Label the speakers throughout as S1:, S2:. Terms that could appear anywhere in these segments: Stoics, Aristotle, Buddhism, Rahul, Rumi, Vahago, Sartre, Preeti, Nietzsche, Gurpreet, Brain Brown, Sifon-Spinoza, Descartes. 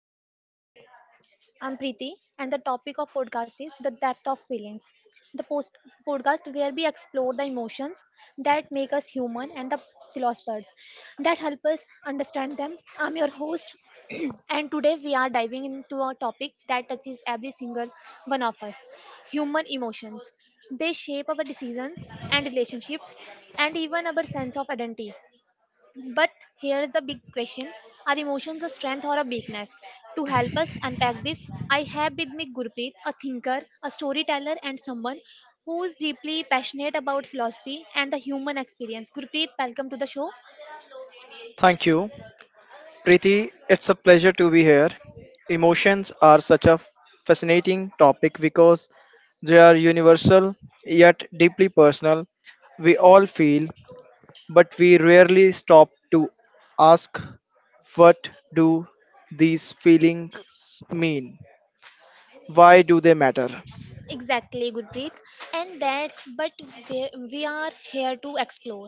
S1: to our podcast. I'm Preeti and the topic of podcast is the depth of feelings. The post podcast where we explore the emotions that make us human and the philosophers that help us understand them. I'm your host and today we are diving into a topic that touches every single one of us. Human emotions. They shape our decisions and relationships and even our sense of identity. But here is the big question. Are emotions a strength or a weakness? To help us unpack this, I have with me Gurpreet, a thinker, a storyteller, and someone who is deeply passionate about philosophy and the human experience. Gurpreet, welcome to the show.
S2: Thank you, Preeti. It's a pleasure to be here. Emotions are such a fascinating topic because they are universal yet deeply personal. We all feel, but we rarely stop to ask, what do these feelings mean? Why do they matter?
S1: Exactly, Gurpreet. And that's but we are here to explore.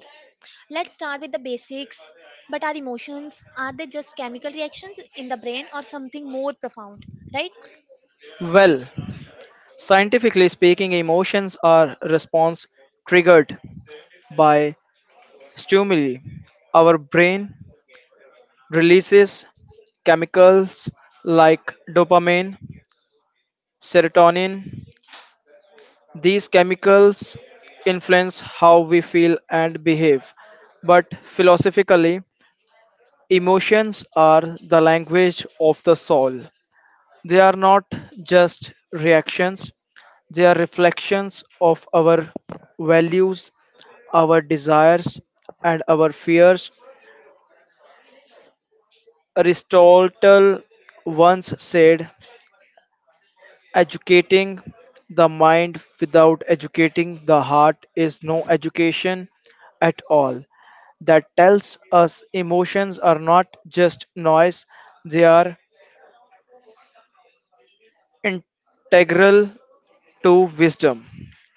S1: Let's start with the basics. But are emotions, are they just chemical reactions in the brain or something more profound, right?
S2: Well, scientifically speaking, emotions are response triggered by stimuli. Our brain releases chemicals like dopamine, serotonin. These chemicals influence how we feel and behave. But philosophically, emotions are the language of the soul. They are not just reactions, they are reflections of our values, our desires, and our fears. Aristotle once said, educating the mind without educating the heart is no education at all. That tells us emotions are not just noise, they are integral to wisdom.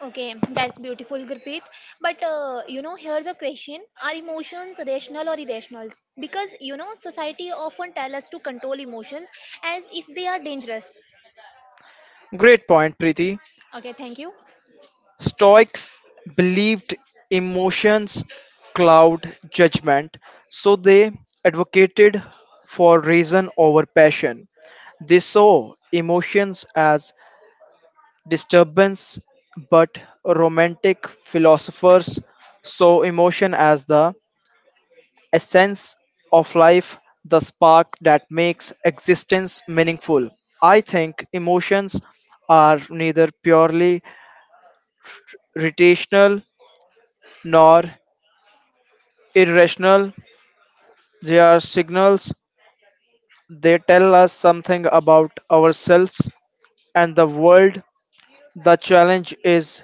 S1: Okay, that's beautiful, Gurpreet. But you know, here's a question: Are emotions rational or irrational? Because you know, society often tell us to control emotions as if they are dangerous.
S2: Great point, Preeti.
S1: Okay, thank you.
S2: Stoics believed emotions cloud judgment, so they advocated for reason over passion. They saw emotions as disturbance, but romantic philosophers saw emotion as the essence of life, the spark that makes existence meaningful. I think emotions are neither purely rational nor irrational. They are signals. They tell us something about ourselves and the world. The challenge is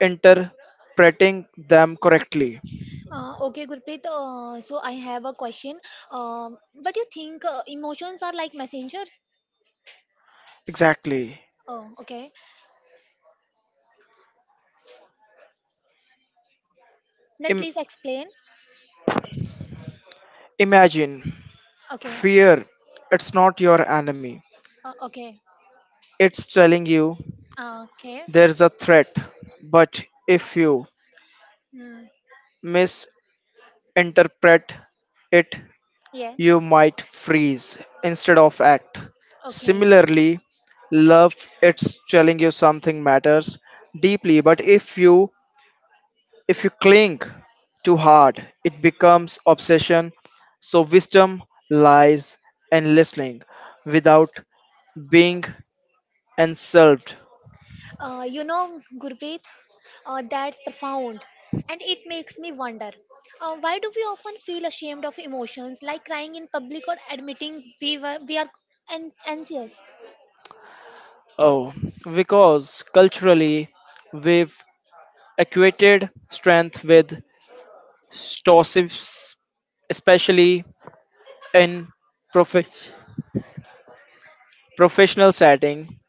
S2: interpreting them correctly.
S1: Okay, Gurpreet. So I have a question. But you think emotions are like messengers?
S2: Exactly.
S1: Oh, okay. Then
S2: Im-
S1: please explain.
S2: Imagine
S1: Okay.
S2: fear. It's not your enemy.
S1: Okay.
S2: It's telling you
S1: Okay.
S2: there's a threat. But if you
S1: Hmm.
S2: misinterpret it,
S1: Yeah.
S2: you might freeze instead of act.
S1: Okay.
S2: Similarly, love, it's telling you something matters deeply, but if you cling too hard, it becomes obsession. So wisdom lies in listening without being and served.
S1: You know, Gurpreet, that's profound. And it makes me wonder why do we often feel ashamed of emotions like crying in public or admitting we are anxious?
S2: Oh, because culturally we've equated strength with stoicism, especially in prof- professional setting.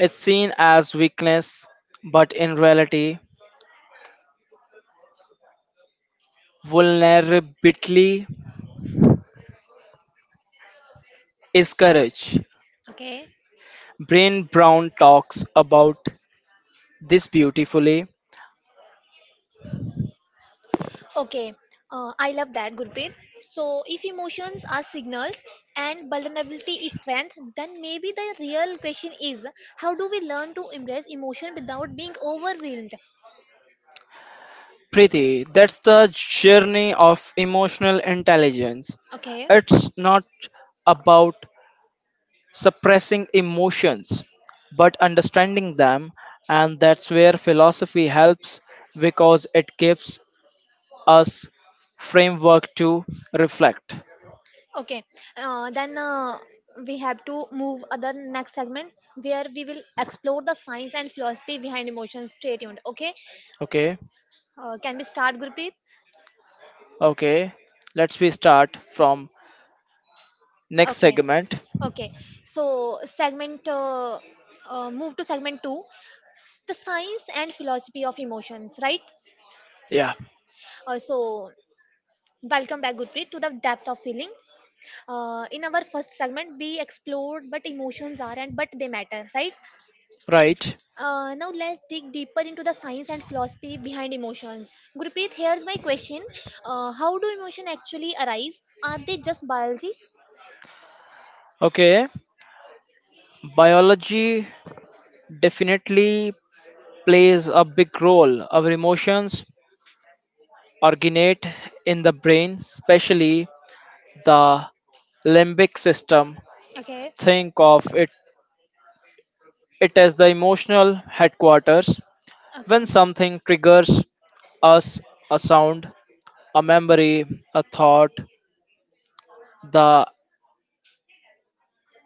S2: It's seen as weakness, but in reality, vulnerability is courage.
S1: Okay,
S2: Brain Brown talks about this beautifully.
S1: okay, I love that, Gurpreet. So, if emotions are signals and vulnerability is strength, then maybe the real question is how do we learn to embrace emotion without being overwhelmed?
S2: Preeti, that's the journey of emotional intelligence.
S1: Okay,
S2: It's not about suppressing emotions, but understanding them, and that's where philosophy helps because it gives us framework to reflect.
S1: okay, then we have to move other next segment where we will explore the science and philosophy behind emotions. Stay tuned. Okay,
S2: Okay,
S1: can we start, Gurpreet?
S2: okay, let's we start from next
S1: Okay,
S2: segment.
S1: okay. So segment move to segment two, the science and philosophy of emotions. Right.
S2: Yeah,
S1: So welcome back, Gurpreet, to the depth of feelings. In our first segment, we explored what emotions are and but they matter. Right.
S2: right.
S1: Now let's dig deeper into the science and philosophy behind emotions. Gurpreet, here's my question: how do emotions actually arise? Are they just biology?
S2: Okay, biology definitely plays a big role. Our emotions originate in the brain, especially the limbic system.
S1: Okay,
S2: Think of it as the emotional headquarters. When
S1: okay,
S2: something triggers us, a sound, a memory, a thought, the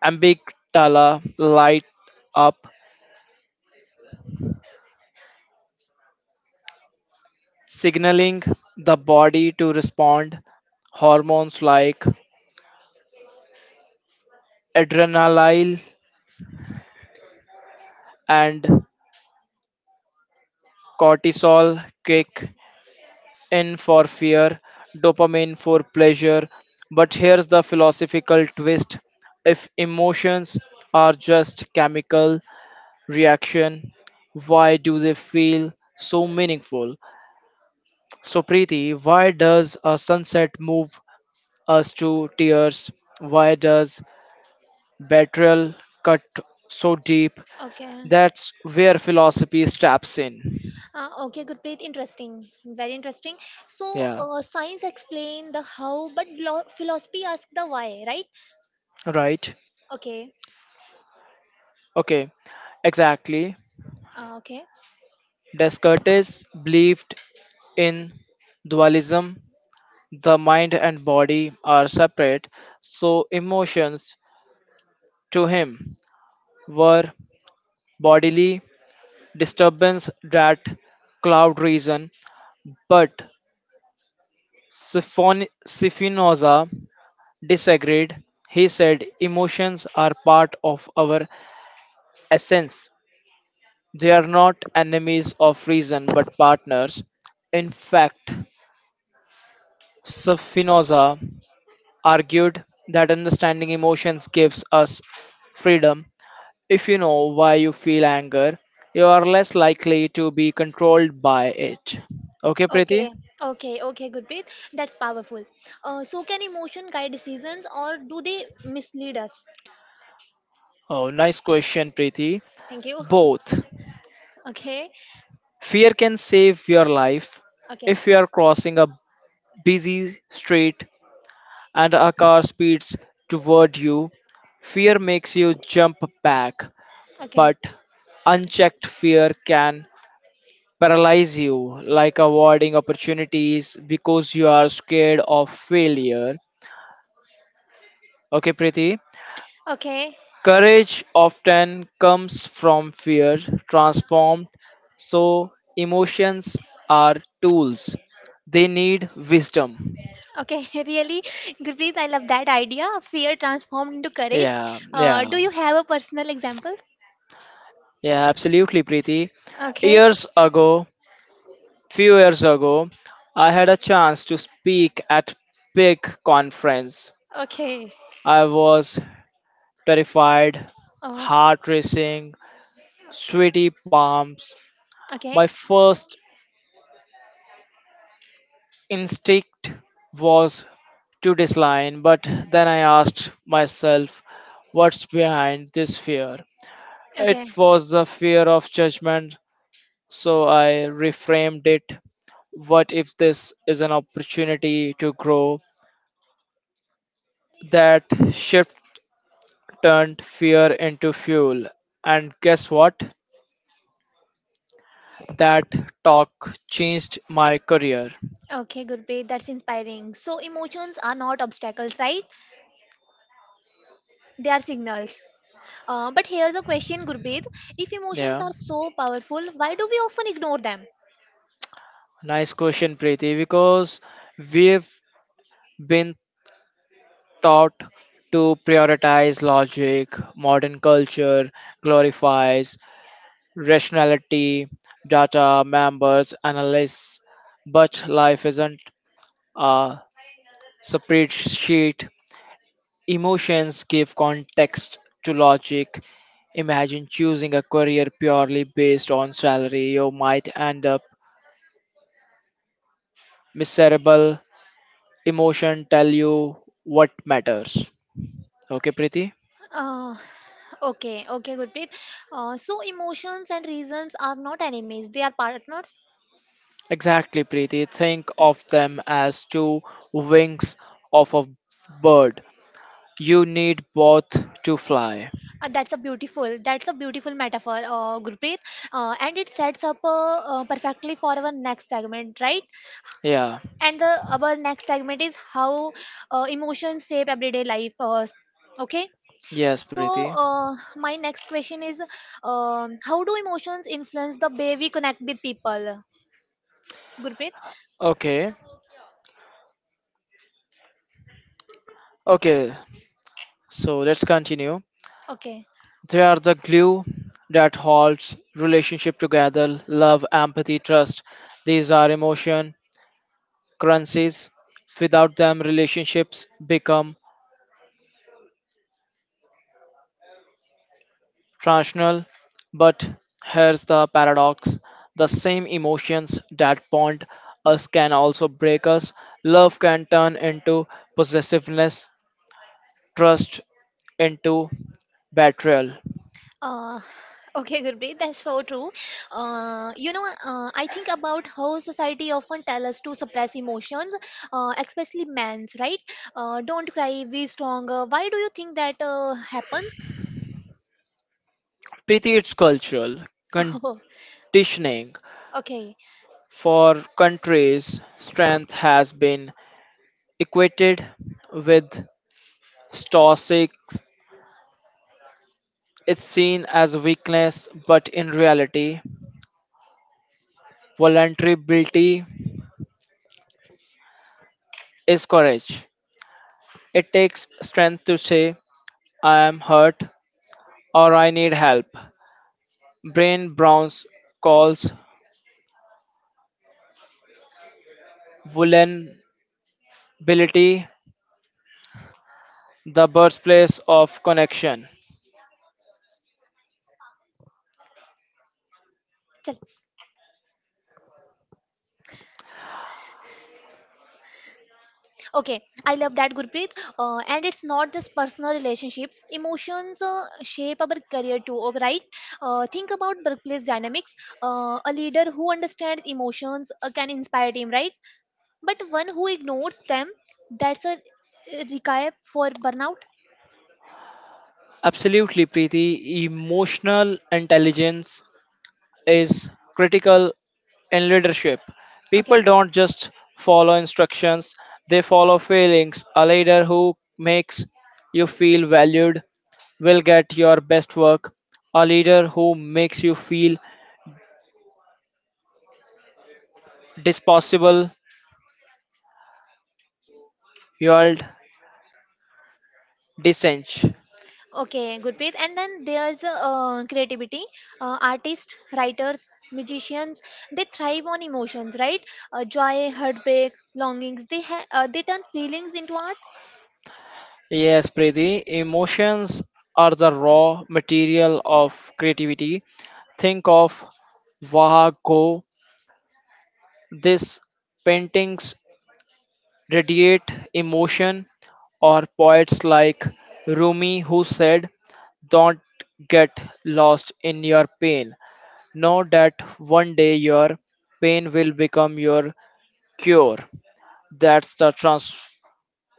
S2: amygdala light up, signaling the body to respond, hormones like adrenaline and cortisol kick in for fear, dopamine for pleasure. But here's the philosophical twist, if emotions are just chemical reaction, why do they feel so meaningful? So, Preeti, why does a sunset move us to tears? Why does betrayal cut so deep?
S1: okay,
S2: That's where philosophy steps in.
S1: okay. Gurpreet, interesting, very interesting. So
S2: Yeah,
S1: science explain the how, but philosophy asks the why, right?
S2: right.
S1: Okay,
S2: Okay, exactly.
S1: okay,
S2: Descartes believed in dualism, the mind and body are separate, so emotions to him were bodily disturbance that cloud reason. But Spinoza disagreed. He said emotions are part of our essence. They are not enemies of reason but partners. In fact, Spinoza argued that understanding emotions gives us freedom. If you know why you feel anger, you are less likely to be controlled by it. Okay, Preeti?
S1: okay, okay, okay. Gurpreet, that's powerful. So can emotion guide decisions, or do they mislead us?
S2: Oh, nice question, Preeti.
S1: Thank you.
S2: Both.
S1: Okay,
S2: Fear can save your life
S1: okay,
S2: if you are crossing a busy street and a car speeds toward you. Fear makes you jump back,
S1: okay,
S2: but unchecked fear can paralyze you, like avoiding opportunities because you are scared of failure. Okay, Preeti?
S1: okay,
S2: Courage often comes from fear transformed, so emotions are tools. They need wisdom.
S1: okay. Really, Gurpreet, I love that idea. Fear transformed into
S2: Yeah,
S1: courage.
S2: yeah,
S1: Do you have a personal example?
S2: yeah, absolutely, Preeti.
S1: Okay,
S2: Years ago, few years ago, I had a chance to speak at big conference.
S1: okay,
S2: I was terrified,
S1: oh,
S2: heart racing, sweaty palms.
S1: okay,
S2: My first instinct was to decline, but then I asked myself, what's behind this fear? It
S1: okay,
S2: was the fear of judgment, so I reframed it. What if this is an opportunity to grow? That shift turned fear into fuel. And guess what? That talk changed my career.
S1: okay, Gurpreet, that's inspiring. So, emotions are not obstacles, right? They are signals. But here's a question, Gurpreet. If emotions
S2: Yeah.
S1: are so powerful, why do we often ignore them?
S2: Nice question, Preeti, because we've been taught to prioritize logic, modern culture glorifies rationality, data, members, analysis, but life isn't a spreadsheet. Emotions give context to logic. Imagine choosing a career purely based on salary, you might end up miserable. Emotion tell you what matters. Okay, Preeti?
S1: Uh, okay, okay, Gurpreet. So emotions and reasons are not enemies; they are partners.
S2: Exactly, Preeti. Think of them as two wings of a bird. You need both to fly.
S1: That's a beautiful metaphor, Gurpreet. And it sets up perfectly for our next segment, right?
S2: Yeah.
S1: And the our next segment is how emotions shape everyday life. Okay.
S2: Yes,
S1: So
S2: Preeti.
S1: my next question is, how do emotions influence the way we connect with people, Gurpreet?
S2: Okay. Okay. So let's continue.
S1: Okay.
S2: They are the glue that holds relationship together, love, empathy, trust. These are emotion currencies. Without them, relationships become rational, but here's the paradox, the same emotions that bond us can also break us. Love can turn into possessiveness, trust into betrayal.
S1: Uh, okay, Gurpreet, that's so true. I think about how society often tell us to suppress emotions, especially men's, right? Don't cry, be stronger. Why do you think that happens?
S2: Preeti, it's cultural
S1: Oh,
S2: conditioning.
S1: okay.
S2: For countries, strength has been equated with stoics. It's seen as weakness, but in reality, vulnerability is courage. It takes strength to say, I am hurt or I need help. Brain Brown's calls vulnerability the birthplace of connection.
S1: Chal. Okay, I love that, Gurpreet. And it's not just personal relationships. Emotions shape our career too, oh, right? Think about workplace dynamics. A leader who understands emotions can inspire team, right? But one who ignores them, that's a recap for burnout.
S2: Absolutely, Preeti. Emotional intelligence is critical in leadership.
S1: Okay,
S2: People don't just follow instructions, they follow feelings. A leader who makes you feel valued will get your best work. A leader who makes you feel disposable yield descent.
S1: okay, Gurpreet, and then there's creativity. Artists, writers, magicians, they thrive on emotions, right? Joy, heartbreak, longings, they turn feelings into art.
S2: Yes, Preeti, emotions are the raw material of creativity. Think of Vahago. These paintings radiate emotion, or poets like Rumi who said, don't get lost in your pain. Know that one day your pain will become your cure. That's the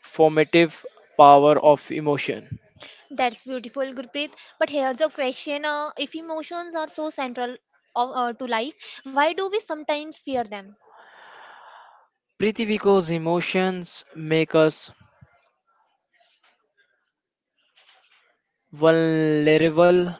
S2: formative power of emotion.
S1: That's beautiful, Gurpreet, but here's a question: if emotions are so central to life, why do we sometimes fear them?
S2: Preeti, because emotions make us vulnerable,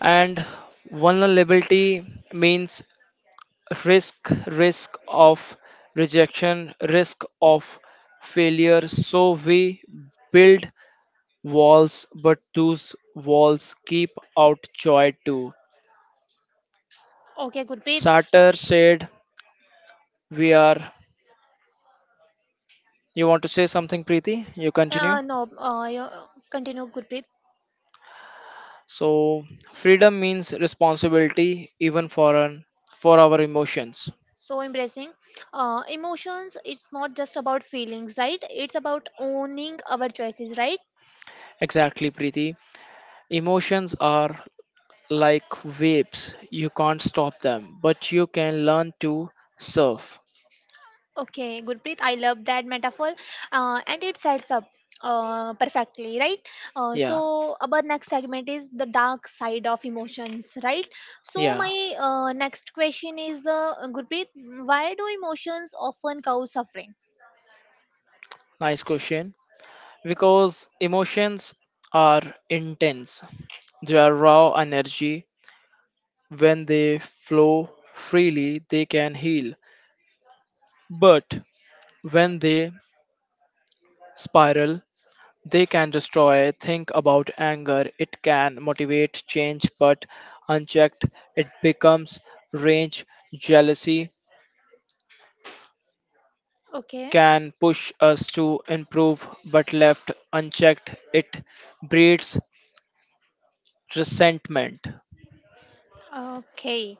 S2: and vulnerability means risk, risk of rejection, risk of failure. So we build walls, but those walls keep out joy too.
S1: Okay, Gurpreet.
S2: Sartre said, we are. You want to say something, Preeti? You continue.
S1: No you- continue, Gurpreet.
S2: So freedom means responsibility even for our emotions.
S1: So embracing emotions, it's not just about feelings, right? It's about owning our choices, right?
S2: Exactly, Preeti. Emotions are like waves. You can't stop them, but you can learn to surf.
S1: Okay, Gurpreet, I love that metaphor. And it sets up perfectly, right? So
S2: Yeah.
S1: our next segment is the dark side of emotions, right? So
S2: Yeah.
S1: my next question is, Gurpreet, why do emotions often cause suffering?
S2: Nice question. Because emotions are intense. They are raw energy. When they flow freely, they can heal. But when they spiral, they can destroy. Think about anger. It can motivate change, but unchecked, it becomes rage. Jealousy
S1: Okay,
S2: can push us to improve, but left unchecked, it breeds resentment.
S1: okay,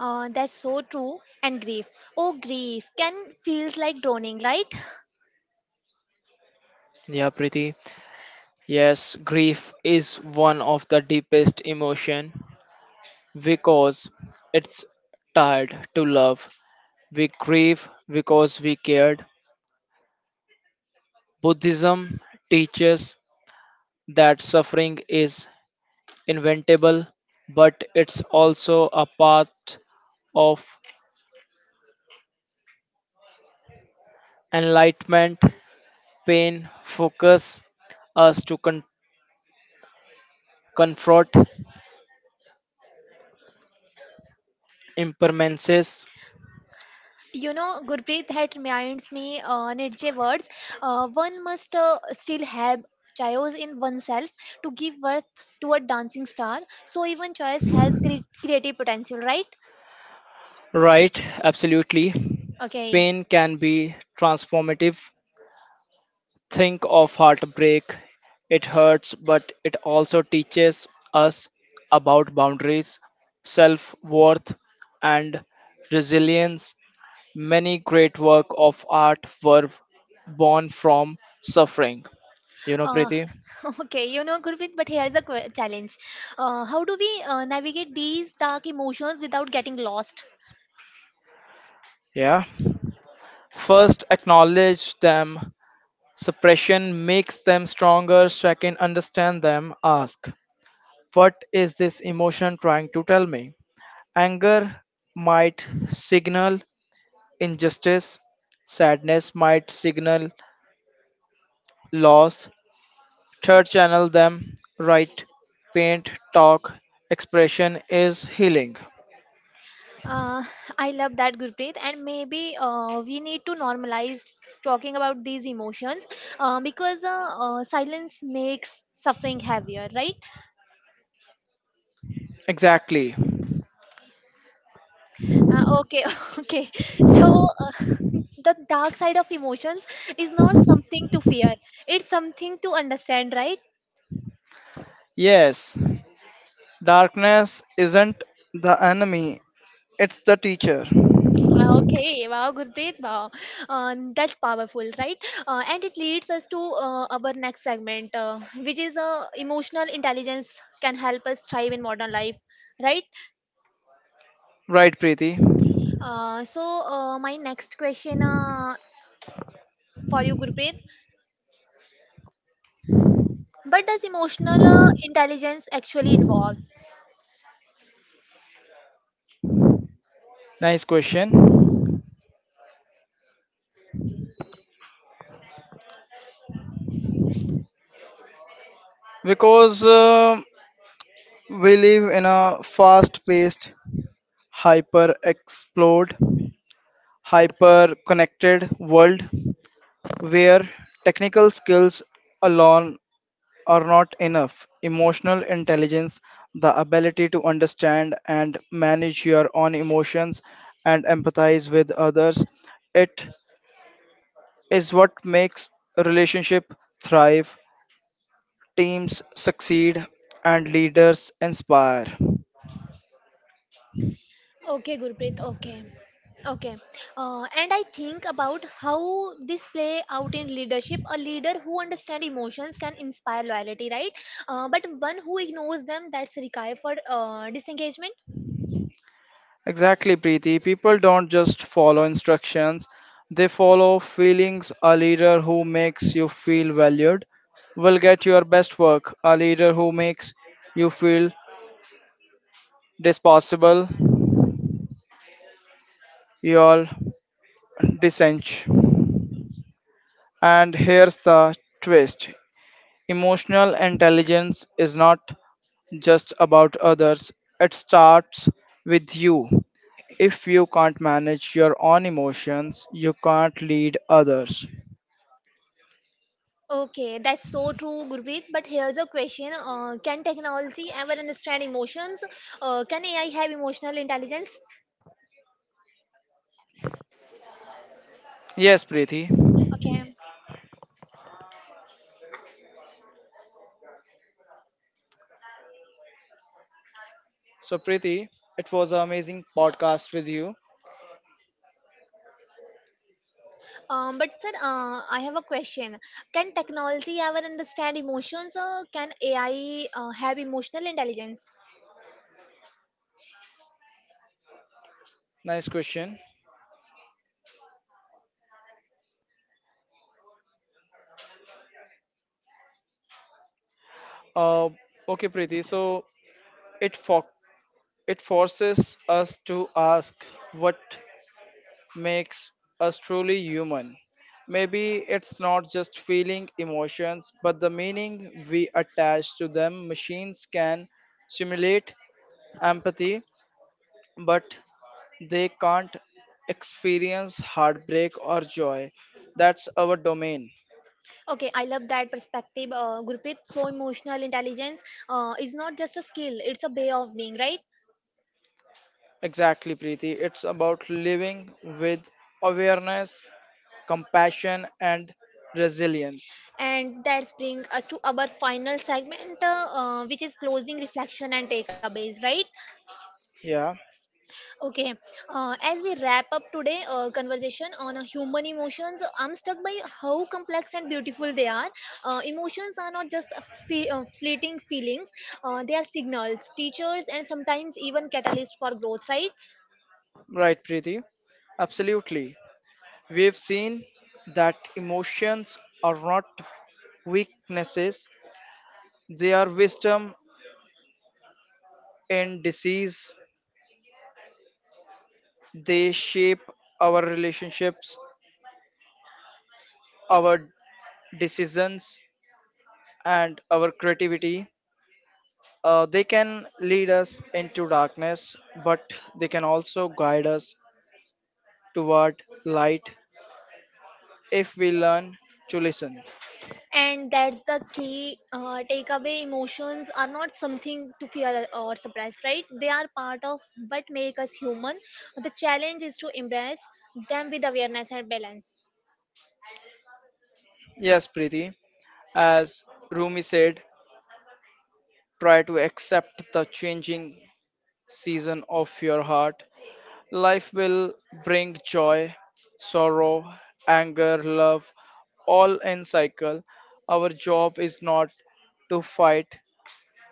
S1: that's so true. And grief, oh, grief can feels like drowning, right?
S2: Yeah, Preeti. Yes, grief is one of the deepest emotion because it's tied to love. We grieve because we cared. Buddhism teaches that suffering is inventable, but it's also a path of enlightenment. Pain focus us to confront impermanences.
S1: You know, Gurpreet had reminds me Nietzsche words. One must still have chaos in oneself to give birth to a dancing star. So even choice has creative potential, right?
S2: Right, absolutely.
S1: Okay.
S2: Pain can be transformative. Think of heartbreak. It hurts, but it also teaches us about boundaries, self worth, and resilience. Many great work of art were born from suffering. You know,
S1: Uh,
S2: Preeti?
S1: okay, you know, Gurpreet, but here's a challenge. How do we navigate these dark emotions without getting lost?
S2: Yeah. First, acknowledge them. Suppression makes them stronger. Second, understand them. Ask, what is this emotion trying to tell me? Anger might signal injustice. Sadness might signal loss. Third, channel them. Write, paint, talk. Expression is healing.
S1: Uh, I love that, Gurpreet. And maybe we need to normalize talking about these emotions because silence makes suffering heavier, right?
S2: Exactly.
S1: Okay, okay. So, the dark side of emotions is not something to fear, it's something to understand, right?
S2: Yes, darkness isn't the enemy, it's the teacher.
S1: Okay, wow, Gurpreet, wow, that's powerful, right? And it leads us to our next segment, which is emotional intelligence can help us thrive in modern life, right?
S2: Right, Preeti?
S1: So, my next question for you, Gurpreet, what does emotional intelligence actually involve?
S2: Nice question. Because we live in a fast paced, hyper explored, hyper connected world where technical skills alone are not enough. Emotional intelligence, the ability to understand and manage your own emotions and empathize with others, it is what makes a relationship thrive, teams succeed, and leaders inspire.
S1: Okay, Gurpreet. Okay. Okay. And I think about how this play out in leadership. A leader who understands emotions can inspire loyalty, right? But one who ignores them, that's required for disengagement.
S2: Exactly, Preeti. People don't just follow instructions, they follow feelings. A leader who makes you feel valued will get your best work. A leader who makes you feel disposable, you'll dissent. And here's the twist, emotional intelligence is not just about others, it starts with you. If you can't manage your own emotions, you can't lead others.
S1: Okay, that's so true, Gurpreet. But here's a question: can technology ever understand emotions? Can AI have emotional intelligence?
S2: Yes, Preeti.
S1: Okay.
S2: So, Preeti, it was an amazing podcast with you.
S1: But sir, I have a question. Can technology ever understand emotions? Can AI have emotional intelligence?
S2: Nice question. Uh, okay, Preeti. So, it for it forces us to ask what makes us truly human. Maybe it's not just feeling emotions, but the meaning we attach to them. Machines can simulate empathy, but they can't experience heartbreak or joy. That's our domain.
S1: Okay, I love that perspective, Gurpreet. So emotional intelligence is not just a skill; it's a way of being, right?
S2: Exactly, Preeti. It's about living with awareness, compassion, and resilience.
S1: And that brings us to our final segment, which is closing reflection and takeaways, right?
S2: Yeah,
S1: Okay, as we wrap up today conversation on human emotions, I'm struck by how complex and beautiful they are. Emotions are not just fleeting feelings; they are signals, teachers, and sometimes even catalysts for growth. Right,
S2: right, Preeti. Absolutely. We've seen that emotions are not weaknesses, they are wisdom in disease. They shape our relationships, our decisions, and our creativity. They can lead us into darkness, but they can also guide us toward light if we learn to listen.
S1: and that's the key takeaway. Emotions are not something to fear or suppress. Right, they are part of what make us human. The challenge is to embrace them with awareness and balance.
S2: Yes, Preeti, as Rumi said, try to accept the changing season of your heart. Life will bring joy, sorrow, anger, love, all in cycle. Our job is not to fight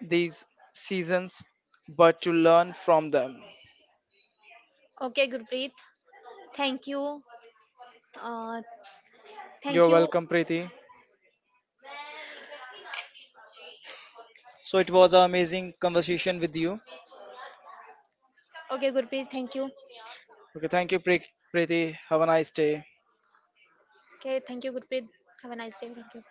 S2: these seasons, but to learn from them.
S1: Okay, Gurpreet, thank you. Uh, thank
S2: You're
S1: you.
S2: welcome, Preeti. So it was an amazing conversation with you.
S1: Okay, Gurpreet, thank you.
S2: Okay, thank you, Preeti. Have a nice day.
S1: Okay, thank you, Gurpreet. Have a nice day. Thank you.